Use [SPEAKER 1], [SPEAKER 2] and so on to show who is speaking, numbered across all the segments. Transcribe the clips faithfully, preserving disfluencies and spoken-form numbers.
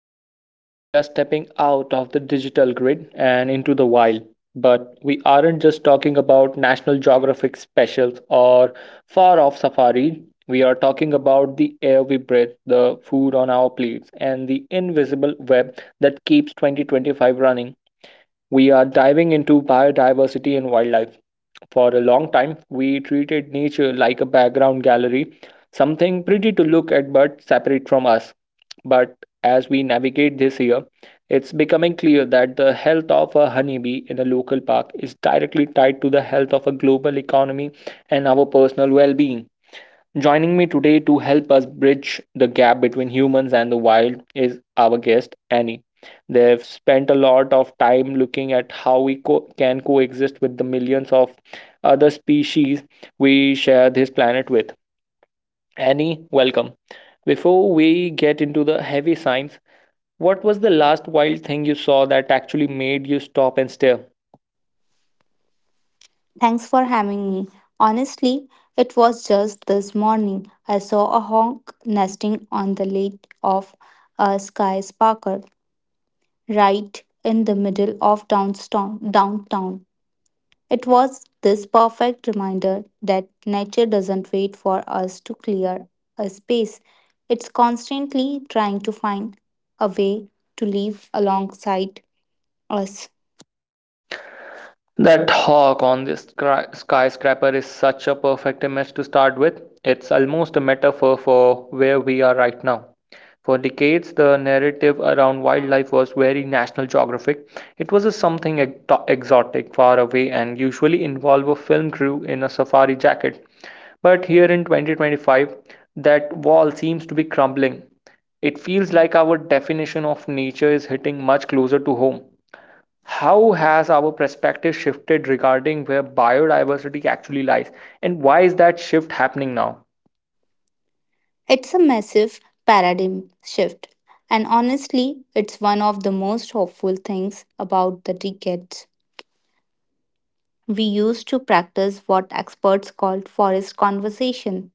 [SPEAKER 1] Back. Today we are stepping out of the digital grid and into the wild. But we aren't just talking about National Geographic specials or far off safari. We are talking about the air we breathe, the food on our plates, and the invisible web that keeps twenty twenty-five running. We are diving into biodiversity and wildlife. For a long time, we treated nature like a background gallery, something pretty to look at but separate from us. But as we navigate this year, it's becoming clear that the health of a honeybee in a local park is directly tied to the health of a global economy and our personal well being. Joining me today to help us bridge the gap between humans and the wild is our guest, Annie. They've spent a lot of time looking at how we co- can coexist with the millions of other species we share this planet with. Annie, welcome. Before we get into the heavy science, what was the last wild thing you saw that actually made you stop and stare?
[SPEAKER 2] Thanks for having me. Honestly, it was just this morning I saw a hawk nesting on the lid of a skyscraper right in the middle of downtown. downtown. It was this perfect reminder that nature doesn't wait for us to clear a space. It's constantly trying to find a way to live alongside us.
[SPEAKER 1] That hawk on this scra- skyscraper is such a perfect image to start with. It's almost a metaphor for where we are right now. For decades, the narrative around wildlife was very National Geographic. It was a something ex- exotic, far away, and usually involved a film crew in a safari jacket. But here in twenty twenty-five, that wall seems to be crumbling. It feels like our definition of nature is hitting much closer to home. How has our perspective shifted regarding where biodiversity actually lies, and why is that shift happening now?
[SPEAKER 2] It's a massive paradigm shift, and honestly, it's one of the most hopeful things about the decades. We used to practice what experts called forest conversation,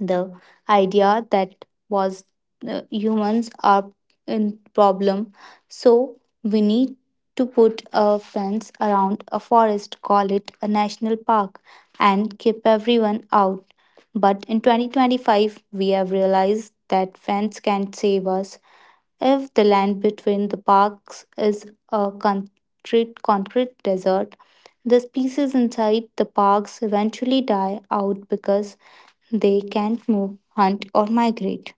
[SPEAKER 2] the idea that was uh, humans are in problem, so we need to put a fence around a forest, call it a national park, and keep everyone out. But in twenty twenty-five, we have realized that fence can't save us if the land between the parks is a concrete concrete desert. The species inside the parks eventually die out because they can't move, hunt, or migrate.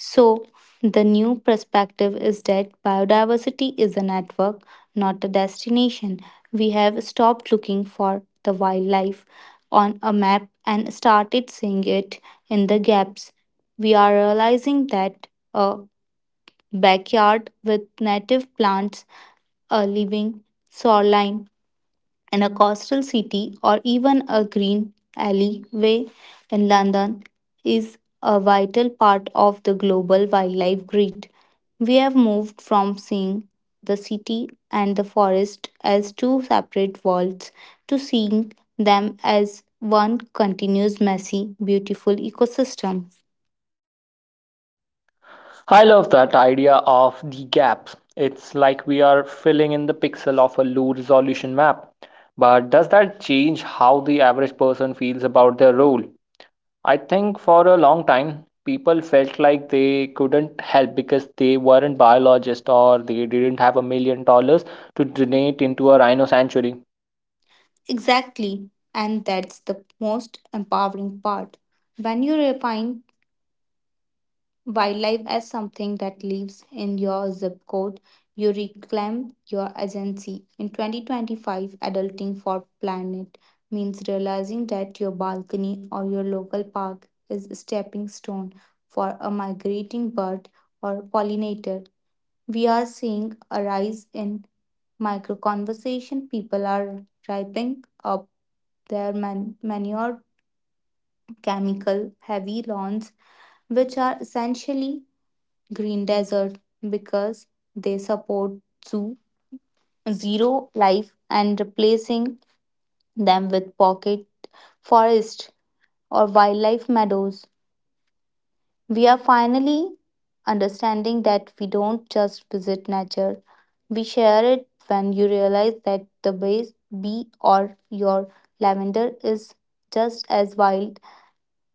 [SPEAKER 2] So, the new perspective is that biodiversity is a network, not a destination. We have stopped looking for the wildlife on a map and started seeing it in the gaps. We are realizing that a backyard with native plants, a living shoreline, and a coastal city, or even a green alleyway in London, is a vital part of the global wildlife grid. We have moved from seeing the city and the forest as two separate worlds to seeing them as one continuous, messy, beautiful ecosystem.
[SPEAKER 1] I love that idea of the gaps. It's like we are filling in the pixel of a low resolution map, but does that change how the average person feels about their role? I think for a long time people felt like they couldn't help because they weren't biologists, or they didn't have a million dollars to donate into a rhino sanctuary.
[SPEAKER 2] Exactly, and that's the most empowering part. When you refine wildlife as something that lives in your zip code, you reclaim your agency. In twenty twenty-five, adulting for planet means realizing that your balcony or your local park is a stepping stone for a migrating bird or pollinator. We are seeing a rise in micro conversation. People are ripening up their man- manure chemical heavy lawns, which are essentially green desert because they support zoo zero life, and replacing them with pocket forest or wildlife meadows. We are finally understanding that we don't just visit nature, we share it. When you realize that the base bee or your lavender is just as wild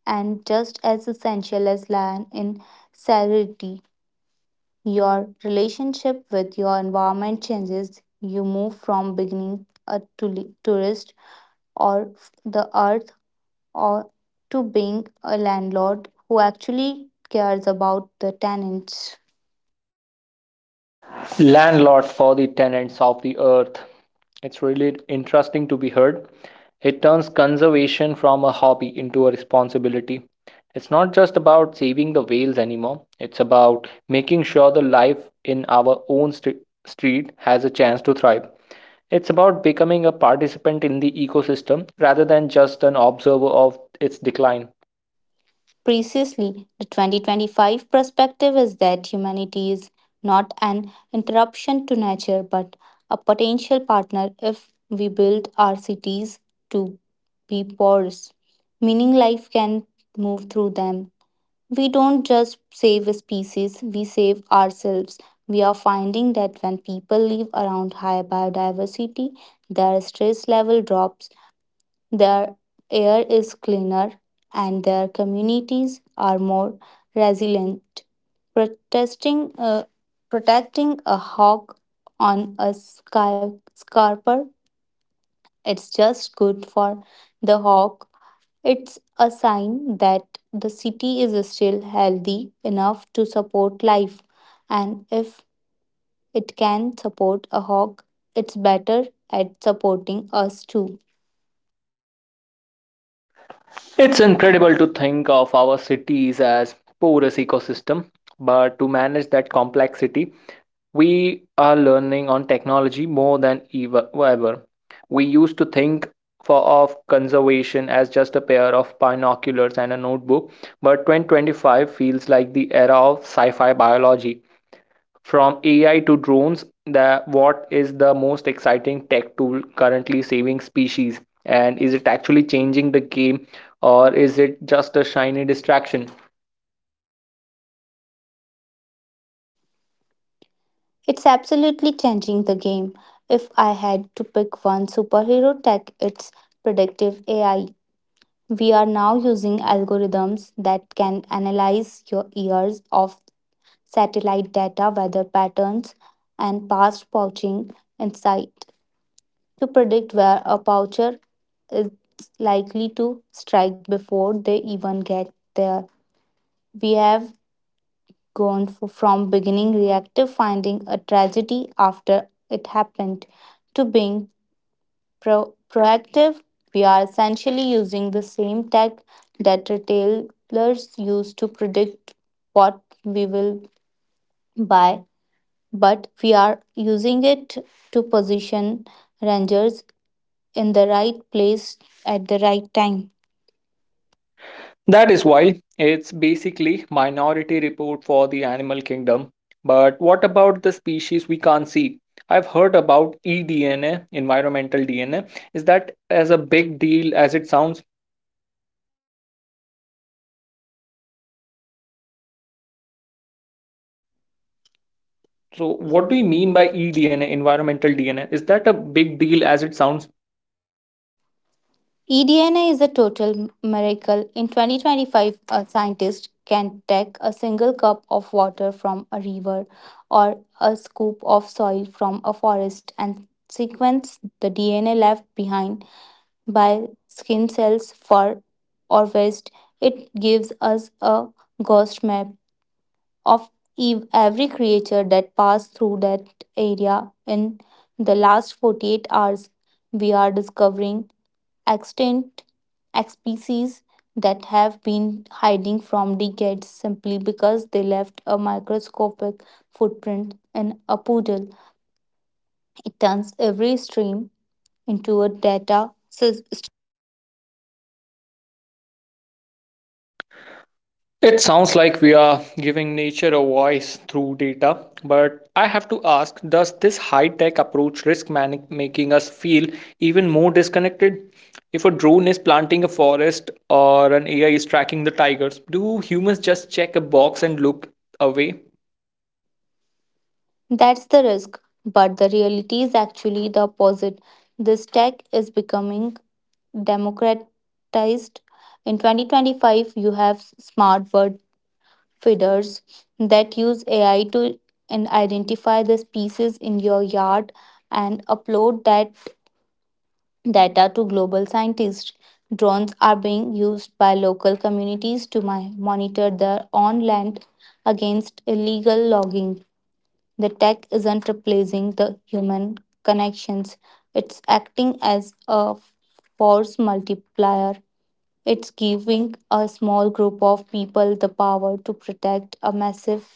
[SPEAKER 2] and just as essential as lion in serenity, your relationship with your environment changes. You move from beginning a tuli- tourist or f- the earth or to being a landlord who actually cares about the tenants.
[SPEAKER 1] Landlord for the tenants of the earth. It's really interesting to be heard. It turns conservation from a hobby into a responsibility. It's not just about saving the whales anymore, it's about making sure the life in our own st- street has a chance to thrive. It's about becoming a participant in the ecosystem rather than just an observer of its decline.
[SPEAKER 2] Precisely, the twenty twenty-five perspective is that humanity is not an interruption to nature, but a potential partner. If we build our cities to be porous, meaning life can move through them, we don't just save a species, we save ourselves. We are finding that when people live around high biodiversity, their stress level drops, their air is cleaner, and their communities are more resilient. Protesting, uh, Protecting a hawk on a sky skyscraper, it's just good for the hawk. It's a sign that the city is still healthy enough to support life. And if it can support a hawk, it's better at supporting us too.
[SPEAKER 1] It's incredible to think of our cities as porous ecosystem, but to manage that complexity we are learning on technology more than ever. ever. We used to think for, of conservation as just a pair of binoculars and a notebook, but twenty twenty-five feels like the era of sci fi biology. From A I to drones, the, what is the most exciting tech tool currently saving species? And is it actually changing the game, or is it just a shiny distraction?
[SPEAKER 2] It's absolutely changing the game. If I had to pick one superhero tech, it's predictive A I. We are now using algorithms that can analyze your ears of satellite data, weather patterns, and past pouching insight to predict where a poucher is likely to strike before they even get there. We have gone f- from beginning reactive, finding a tragedy after it happened, to being pro- proactive. We are essentially using the same tech that retailers use to predict what we will buy, but we are using it to position rangers in the right place at the right time.
[SPEAKER 1] That is why it's basically minority report for the animal kingdom. But what about the species we can't see? I've heard about eDNA, environmental D N A. Is that as a big deal as it sounds? So
[SPEAKER 2] So,
[SPEAKER 1] what
[SPEAKER 2] what
[SPEAKER 1] do
[SPEAKER 2] do
[SPEAKER 1] you
[SPEAKER 2] you
[SPEAKER 1] mean
[SPEAKER 2] mean
[SPEAKER 1] by
[SPEAKER 2] by?
[SPEAKER 1] eDNA, environmental D N A? Is that a big deal as it sounds?
[SPEAKER 2] eDNA is a total miracle. In twenty twenty-five, a scientist can take a single cup of water from a river or a scoop of soil from a forest and sequence the D N A left behind by skin cells for or waste. It gives us a ghost map of ev- every creature that passed through that area in the last forty-eight hours. We are discovering extinct species that have been hiding from decades simply because they left a microscopic footprint in a poodle. It turns every stream into a data sys-
[SPEAKER 1] It sounds like we are giving nature a voice through data, but I have to ask, does this high tech approach risk man- making us feel even more disconnected? If a drone is planting a forest or an A I is tracking the tigers, do humans just check a box and look away?
[SPEAKER 2] That's the risk, but the reality is actually the opposite. This tech is becoming democratized. In twenty twenty-five, you have smart bird feeders that use A I to and identify the species in your yard and upload that data to global scientists. Drones are being used by local communities to mi- monitor their own land against illegal logging. The tech isn't replacing the human connections, it's acting as a force multiplier. It's giving a small group of people the power to protect a massive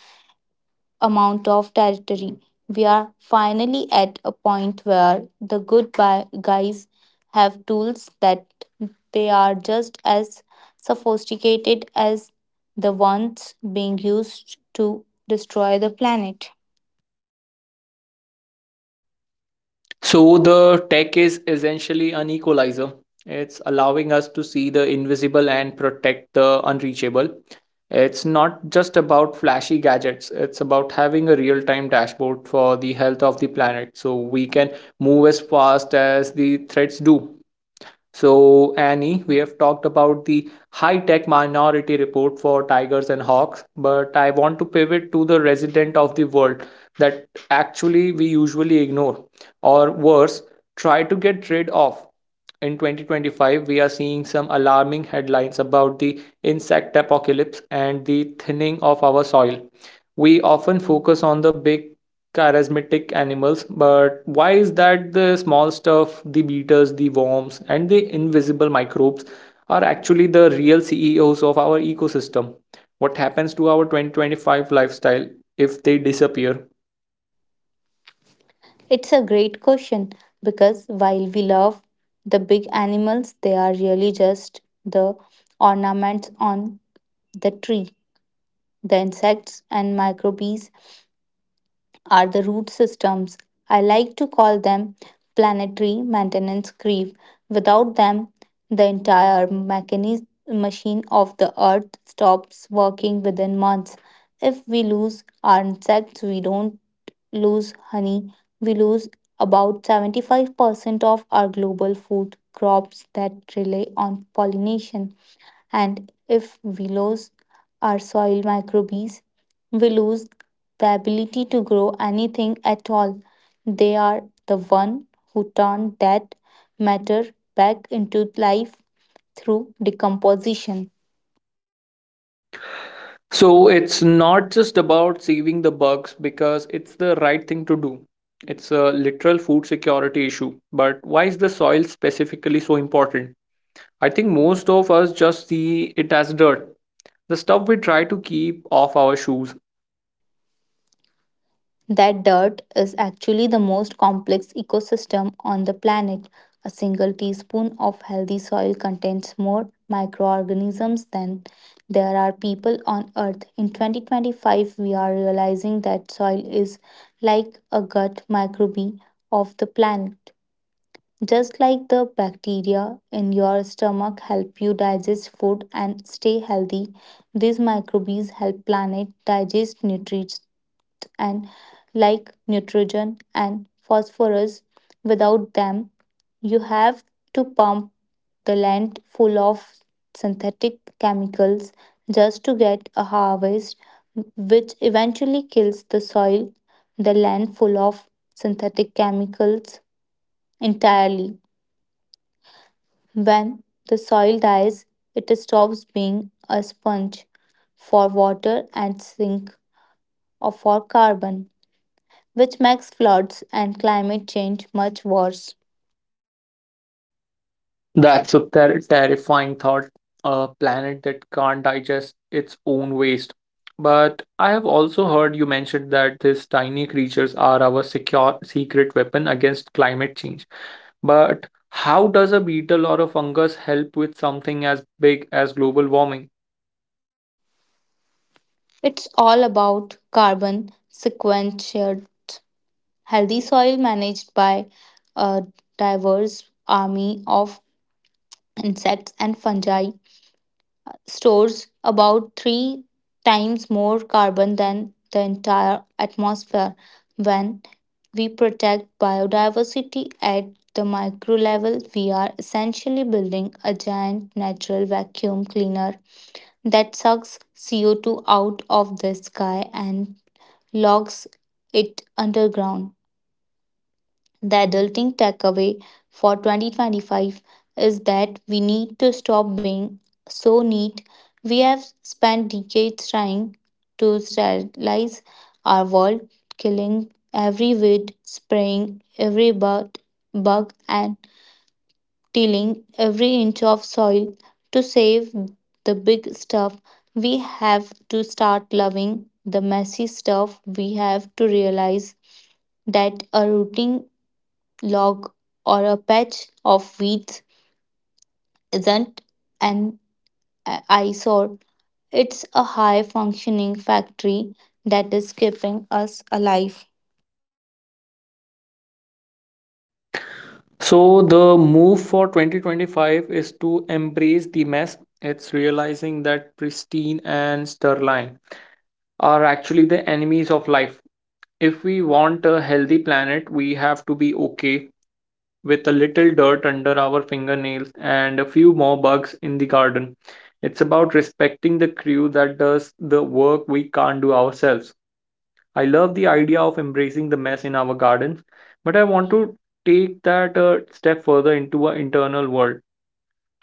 [SPEAKER 2] amount of territory. We are finally at a point where the good bi- guys have tools that they are just as sophisticated as the ones being used to destroy the planet.
[SPEAKER 1] So the tech is essentially an equalizer. It's allowing us to see the invisible and protect the unreachable. It's not just about flashy gadgets, it's about having a real time dashboard for the health of the planet so we can move as fast as the threats do. So, Annie, we have talked about the high tech minority report for Tigers and Hawks, but I want to pivot to the resident of the world that actually we usually ignore, or worse, try to get rid of. In twenty twenty-five, we are seeing some alarming headlines about the insect apocalypse and the thinning of our soil. We often focus on the big charismatic animals, but why is that the small stuff, the beetles, the worms, and the invisible microbes are actually the real C E Os of our ecosystem? What happens to our twenty twenty-five lifestyle if they disappear?
[SPEAKER 2] It's a great question, because while we love the big animals, they are really just the ornaments on the tree. The insects and microbes are the root systems. I like to call them planetary maintenance grief. Without them, the entire mechanism machine of the earth stops working within months. If we lose our insects, we don't lose honey, we lose about seventy-five percent of our global food crops that rely on pollination. And if we lose our soil microbes, we lose the ability to grow anything at all. They are the one who turn that matter back into life through decomposition.
[SPEAKER 1] So it's not just about saving the bugs because it's the right thing to do. It's a literal food security issue. But why is the soil specifically so important? I think most of us just see it as dirt, the stuff we try to keep off our shoes.
[SPEAKER 2] That dirt is actually the most complex ecosystem on the planet. A single teaspoon of healthy soil contains more microorganisms than there are people on earth. In twenty twenty-five, we are realizing that soil is like a gut microbe of the planet. Just like the bacteria in your stomach help you digest food and stay healthy, these microbes help planet digest nutrients and like nitrogen and phosphorus. Without them, you have to pump the land full of synthetic chemicals just to get a harvest, which eventually kills the soil, the land full of synthetic chemicals entirely. When the soil dies, it stops being a sponge for water and sink or for carbon, which makes floods and climate change much worse.
[SPEAKER 1] That's a ter- terrifying thought. A planet that can't digest its own waste. But I have also heard you mention that these tiny creatures are our secure secret weapon against climate change. But how does a beetle or a fungus help with something as big as global warming?
[SPEAKER 2] It's all about carbon sequestered. Healthy soil managed by a diverse army of insects and fungi stores about three times more carbon than the entire atmosphere. When we protect biodiversity at the micro level, we are essentially building a giant natural vacuum cleaner that sucks C O two out of the sky and logs it underground. The adulting takeaway for twenty twenty-five is that we need to stop being so neat. We have spent decades trying to sterilize our world, killing every weed, spraying every bug, bug and tilling every inch of soil to save the big stuff. We have to start loving the messy stuff. We have to realize that a routine log, or a patch of weeds, isn't an eyesore. It's a high functioning factory that is keeping us alive.
[SPEAKER 1] So, the move for twenty twenty-five is to embrace the mess. It's realizing that pristine and sterile are actually the enemies of life. If we want a healthy planet, we have to be okay with a little dirt under our fingernails and a few more bugs in the garden. It's about respecting the crew that does the work we can't do ourselves. I love the idea of embracing the mess in our gardens, but I want to take that a step further into our internal world.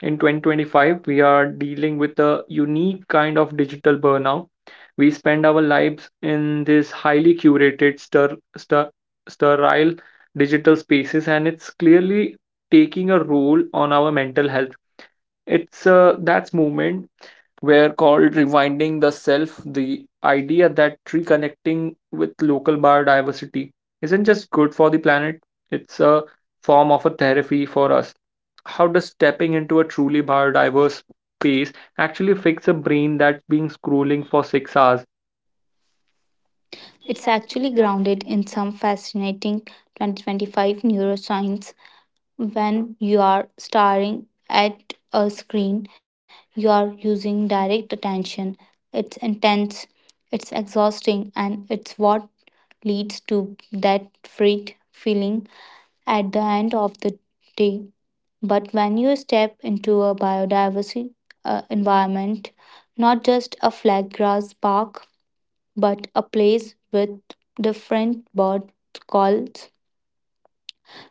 [SPEAKER 1] In twenty twenty-five we are dealing with a unique kind of digital burnout. We spend our lives in these highly curated stir, stir, sterile digital spaces, and it's clearly taking a role on our mental health. It's uh, That's movement were called rewinding the self, the idea that reconnecting with local biodiversity isn't just good for the planet, it's a form of a therapy for us. How does stepping into a truly biodiverse space actually fix a brain that's been scrolling for six hours?
[SPEAKER 2] It's actually grounded in some fascinating twenty twenty-five neuroscience. When you are staring at a screen, you are using direct attention. It's intense, it's exhausting, and it's what leads to that freight feeling at the end of the day. But when you step into a biodiversity uh, environment, not just a flat grass park, but a place with different bird calls,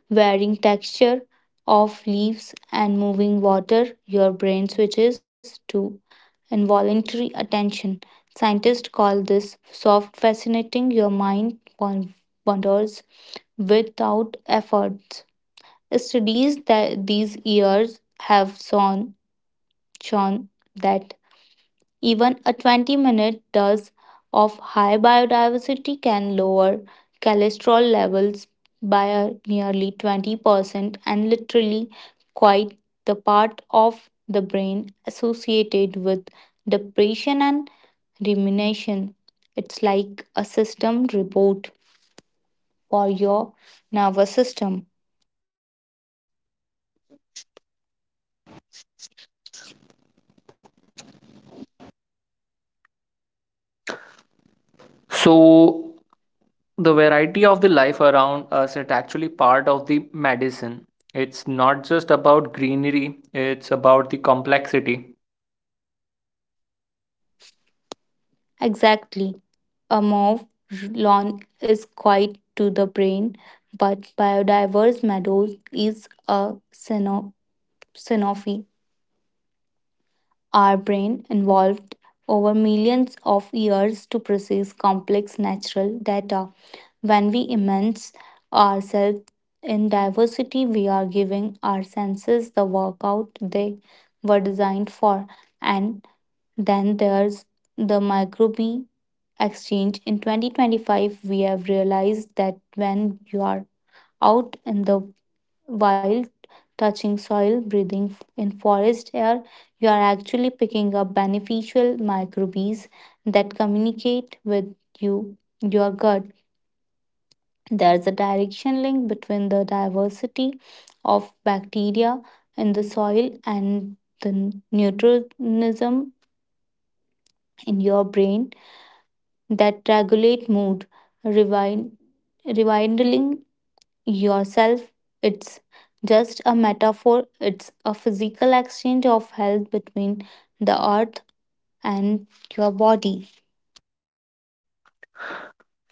[SPEAKER 2] varying texture of leaves and moving water, your brain switches to involuntary attention. Scientists call this soft fascinating. Your mind wan- wanders without effort. Studies that these years have shown, shown that even a twenty minute dose of high biodiversity can lower cholesterol levels by a nearly twenty percent and literally quite the part of the brain associated with depression and rumination. It's like a system reboot for your nervous system.
[SPEAKER 1] So, the variety of the life around us is actually part of the medicine. It's not just about greenery, it's about the complexity.
[SPEAKER 2] Exactly. A mauve lawn is quiet to the brain, but biodiverse meadows is a synophy. Our brain evolved over millions of years to process complex natural data. When we immerse ourselves in diversity, we are giving our senses the workout they were designed for. And then there's the microbiome exchange. In twenty twenty-five, we have realized that when you are out in the while touching soil, breathing f- in forest air, you are actually picking up beneficial microbes that communicate with you, your gut. There's a direction link between the diversity of bacteria in the soil and the neutronism in your brain that regulate mood, rewind, rewinding yourself. It's just a metaphor, it's a physical exchange of health between the earth and your body.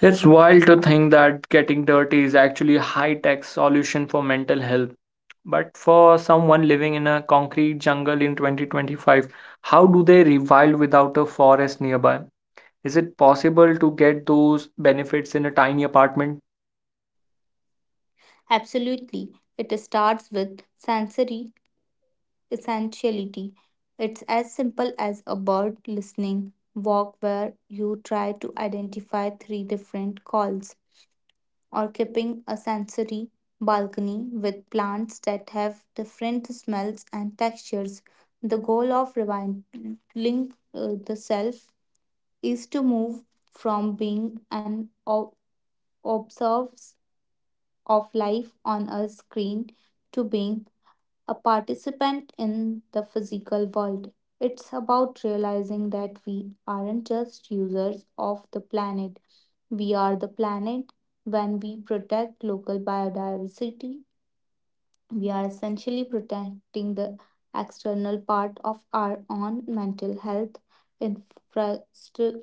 [SPEAKER 1] It's wild to think that getting dirty is actually a high-tech solution for mental health. But for someone living in a concrete jungle in twenty twenty-five, how do they revive without a forest nearby? Is it possible to get those benefits in a tiny apartment?
[SPEAKER 2] Absolutely. It starts with sensory essentiality. It's as simple as a bird listening walk where you try to identify three different calls, or keeping a sensory balcony with plants that have different smells and textures. The goal of rewilding uh, the self is to move from being an ob- observer of life on a screen to being a participant in the physical world. It's about realizing that we aren't just users of the planet, we are the planet. When we protect local biodiversity, we are essentially protecting the external part of our own mental health infrastructure,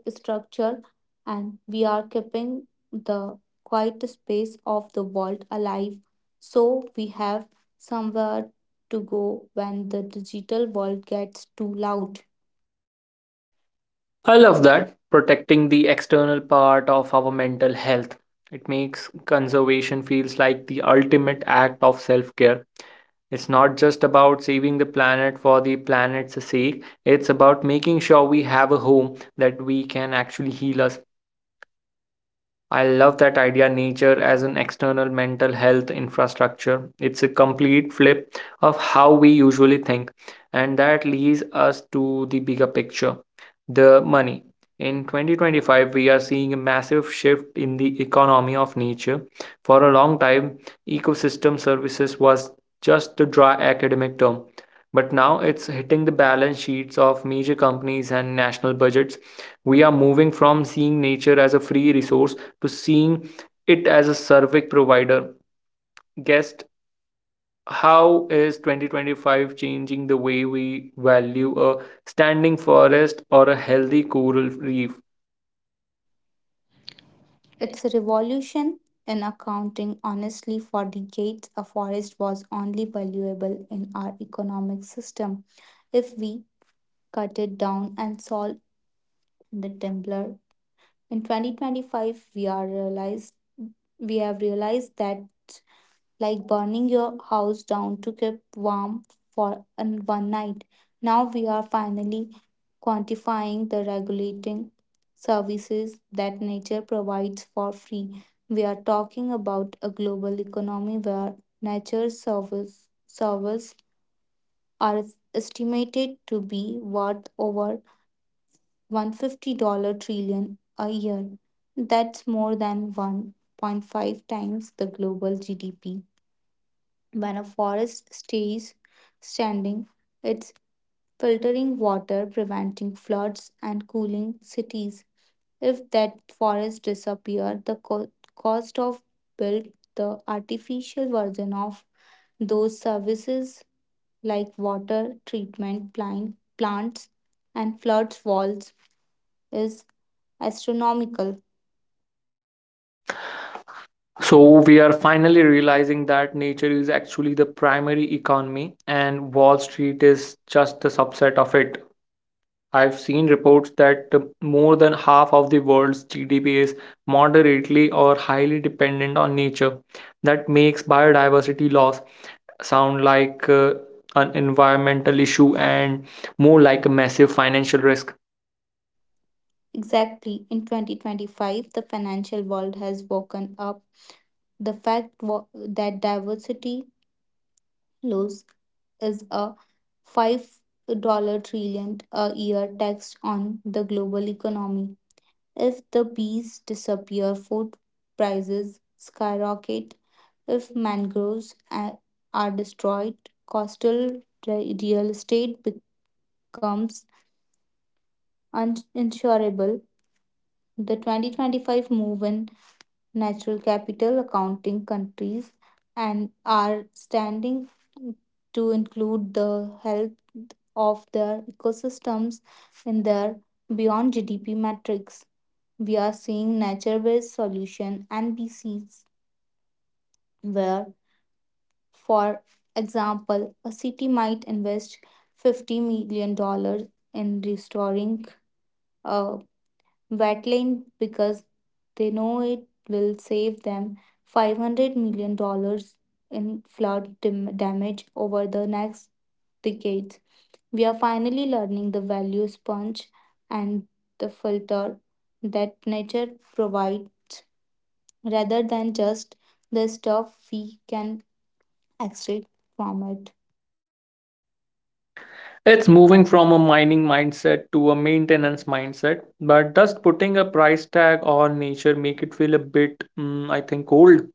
[SPEAKER 2] and we are keeping the quiet space of the world alive, so we have somewhere to go when the digital world gets too loud.
[SPEAKER 1] I love that. Protecting the external part of our mental health. It makes conservation feels like the ultimate act of self care. It's not just about saving the planet for the planet's sake, it's about making sure we have a home that we can actually heal us. I love that idea, nature as an external mental health infrastructure. It's a complete flip of how we usually think, and that leads us to the bigger picture, the money. In twenty twenty-five, we are seeing a massive shift in the economy of nature. For a long time, ecosystem services was just a dry academic term, but now it's hitting the balance sheets of major companies and national budgets. We are moving from seeing nature as a free resource to seeing it as a survey provider. Guest, how is twenty twenty-five changing the way we value a standing forest or a healthy coral reef?
[SPEAKER 2] It's a revolution in accounting. Honestly, for decades, a forest was only valuable in our economic system if we cut it down, and solved the Templar. In twenty twenty-five, we are realized we have realized that, like burning your house down to keep warm for an, one night. Now we are finally quantifying the regulating services that nature provides for free. We are talking about a global economy where nature's service, service are estimated to be worth over one trillion dollar trillion a year. That's more than one point five times the global G D P. When a forest stays standing, it's filtering water, preventing floods, and cooling cities. If that forest disappeared, the co- cost of built the artificial version of those services, like water treatment plant, plants and flood walls, is astronomical.
[SPEAKER 1] So we are finally realizing that nature is actually the primary economy and Wall Street is just a subset of it. I've seen reports that more than half of the world's G D P is moderately or highly dependent on nature. That makes biodiversity loss sound like uh, an environmental issue and more like a massive financial risk.
[SPEAKER 2] Exactly. In twenty twenty-five, the financial world has woken up the fact wa- that diversity loss is a five trillion trillion a year tax on the global economy. If the bees disappear, food prices skyrocket. If mangroves a- are destroyed, coastal re- real estate becomes uninsurable. The twenty twenty-five move in natural capital accounting countries and are standing to include the health of their ecosystems in their beyond G D P metrics. We are seeing nature-based solution N B Cs where, for example, a city might invest $50 million dollars in restoring a wetland because they know it will save them $500 million dollars in flood dam- damage over the next decades. We are finally learning the value sponge and the filter that nature provides, rather than just the stuff we can extract from it.
[SPEAKER 1] It's moving from a mining mindset to a maintenance mindset, but does putting a price tag on nature make it feel a bit, mm, I think, cold?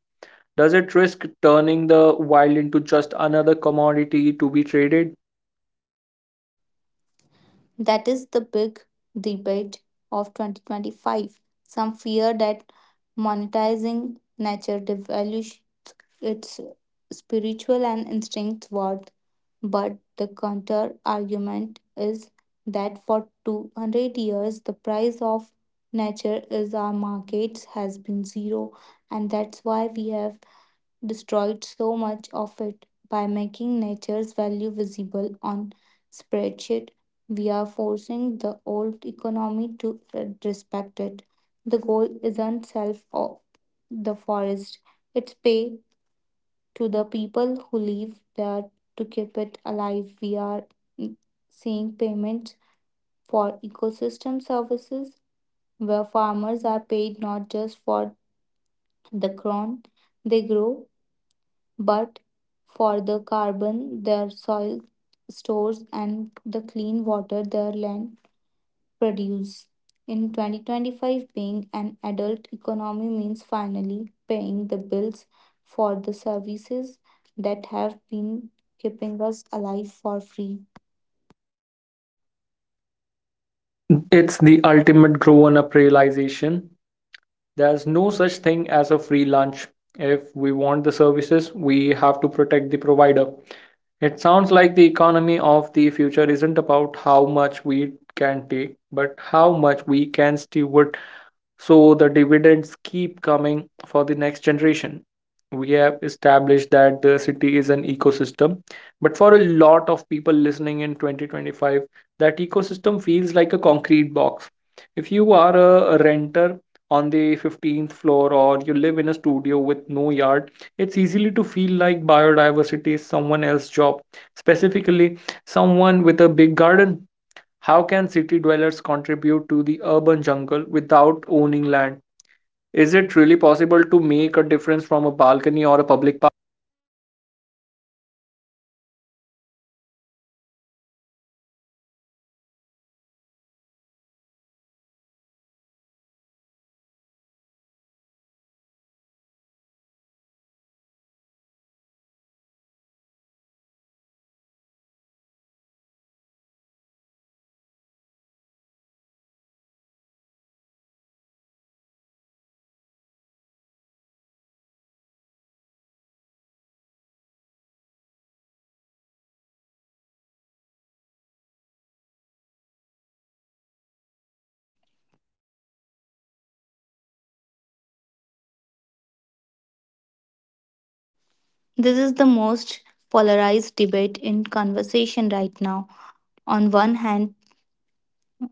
[SPEAKER 1] Does it risk turning the wild into just another commodity to be traded?
[SPEAKER 2] That is the big debate of twenty twenty-five. Some fear that monetizing nature devalues its spiritual and instinct worth, but the counter argument is that for two hundred years the price of nature is our markets has been zero, and that's why we have destroyed so much of it. By making nature's value visible on spreadsheet, we are forcing the old economy to uh, respect it. The goal isn't self of the forest, it's pay to the people who live there to keep it alive. We are mm, seeing payments for ecosystem services, where farmers are paid not just for the ground they grow, but for the carbon their soil stores and the clean water their land produce. In twenty twenty-five, being an adult economy means finally paying the bills for the services that have been keeping us alive for free.
[SPEAKER 1] It's the ultimate grown up realization. There's no such thing as a free lunch. If we want the services, we have to protect the provider. It sounds like the economy of the future isn't about how much we can take, but how much we can steward, so the dividends keep coming for the next generation. We have established that the city is an ecosystem, but for a lot of people listening in twenty twenty-five, that ecosystem feels like a concrete box. If you are a renter on the fifteenth floor or you live in a studio with no yard, it's easily to feel like biodiversity is someone else's job, specifically someone with a big garden. How can city dwellers contribute to the urban jungle without owning land? Is it really possible to make a difference from a balcony or a public?
[SPEAKER 2] This is the most polarized debate in conversation right now. On one hand,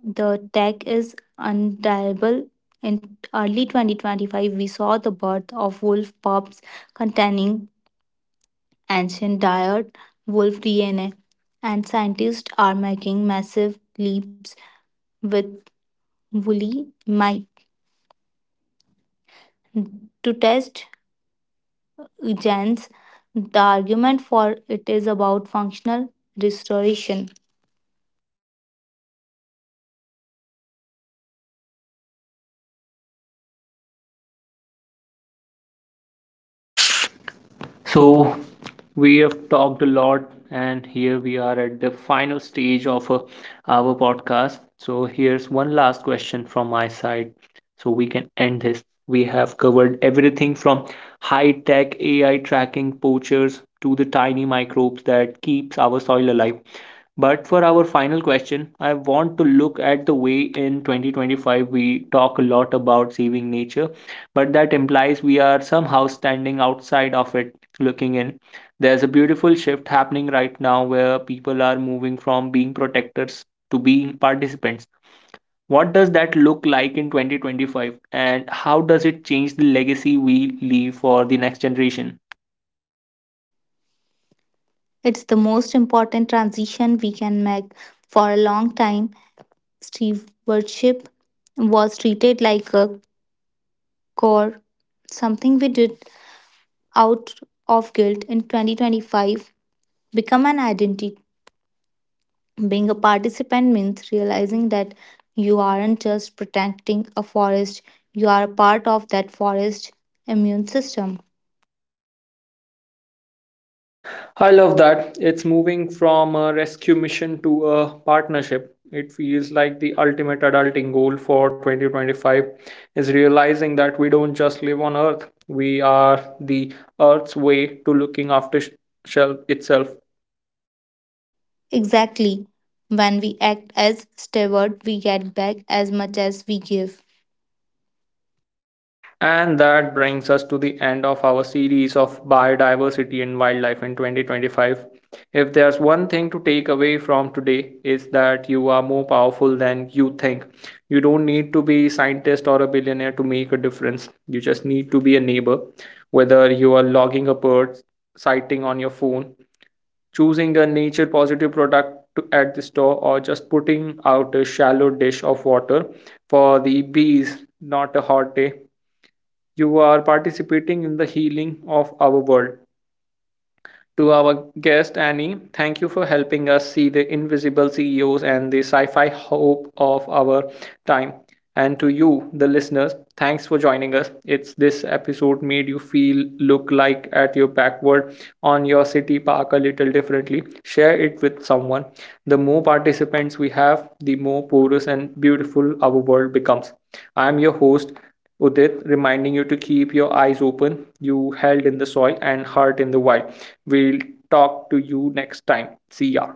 [SPEAKER 2] the tech is undeniable. In early twenty twenty-five, we saw the birth of wolf pups containing ancient diet wolf D N A, and scientists are making massive leaps with woolly mite to test genes. The argument for it is about functional restoration. So,
[SPEAKER 1] So, we have talked a lot, and here we are at the final stage of uh, our podcast. So, here's one last question from my side so we can end this. We have covered everything from high tech A I tracking poachers to the tiny microbes that keeps our soil alive. But for our final question, I want to look at the way in twenty twenty-five we talk a lot about saving nature, but that implies we are somehow standing outside of it looking in. There's a beautiful shift happening right now where people are moving from being protectors to being participants. What does that look like in twenty twenty-five and how does it change the legacy we leave for the next generation?
[SPEAKER 2] it's the most important transition we can make. For a long time, stewardship was treated like a chore, something we did out of guilt. In twenty twenty-five, become an identity. Being a participant means realizing that you aren't just protecting a forest, you are a part of that forest immune system.
[SPEAKER 1] I love that. It's moving from a rescue mission to a partnership. It feels like the ultimate adulting goal for twenty twenty-five is realizing that we don't just live on Earth, we are the Earth's way to looking after sh- shell itself.
[SPEAKER 2] Exactly. When we act as steward, we get back as much as we give.
[SPEAKER 1] And that brings us to the end of our series of biodiversity and wildlife in twenty twenty-five. If there's one thing to take away from today is that you are more powerful than you think. You don't need to be a scientist or a billionaire to make a difference. You just need to be a neighbor. Whether you are logging a bird sighting on your phone, choosing a nature positive product to, at the store, or just putting out a shallow dish of water for the bees, not a hot day, you are participating in the healing of our world. To our guest, Annie, thank you for helping us see the invisible C E Os and the sci fi hope of our time. And to you, the listeners, thanks for joining us. It's this episode made you feel, look like at your backward on your city park a little differently. Share it with someone. The more participants we have, the more porous and beautiful our world becomes. I am your host, Udit, reminding you to keep your eyes open, you held in the soil and heart in the wild. We'll talk to you next time. See ya.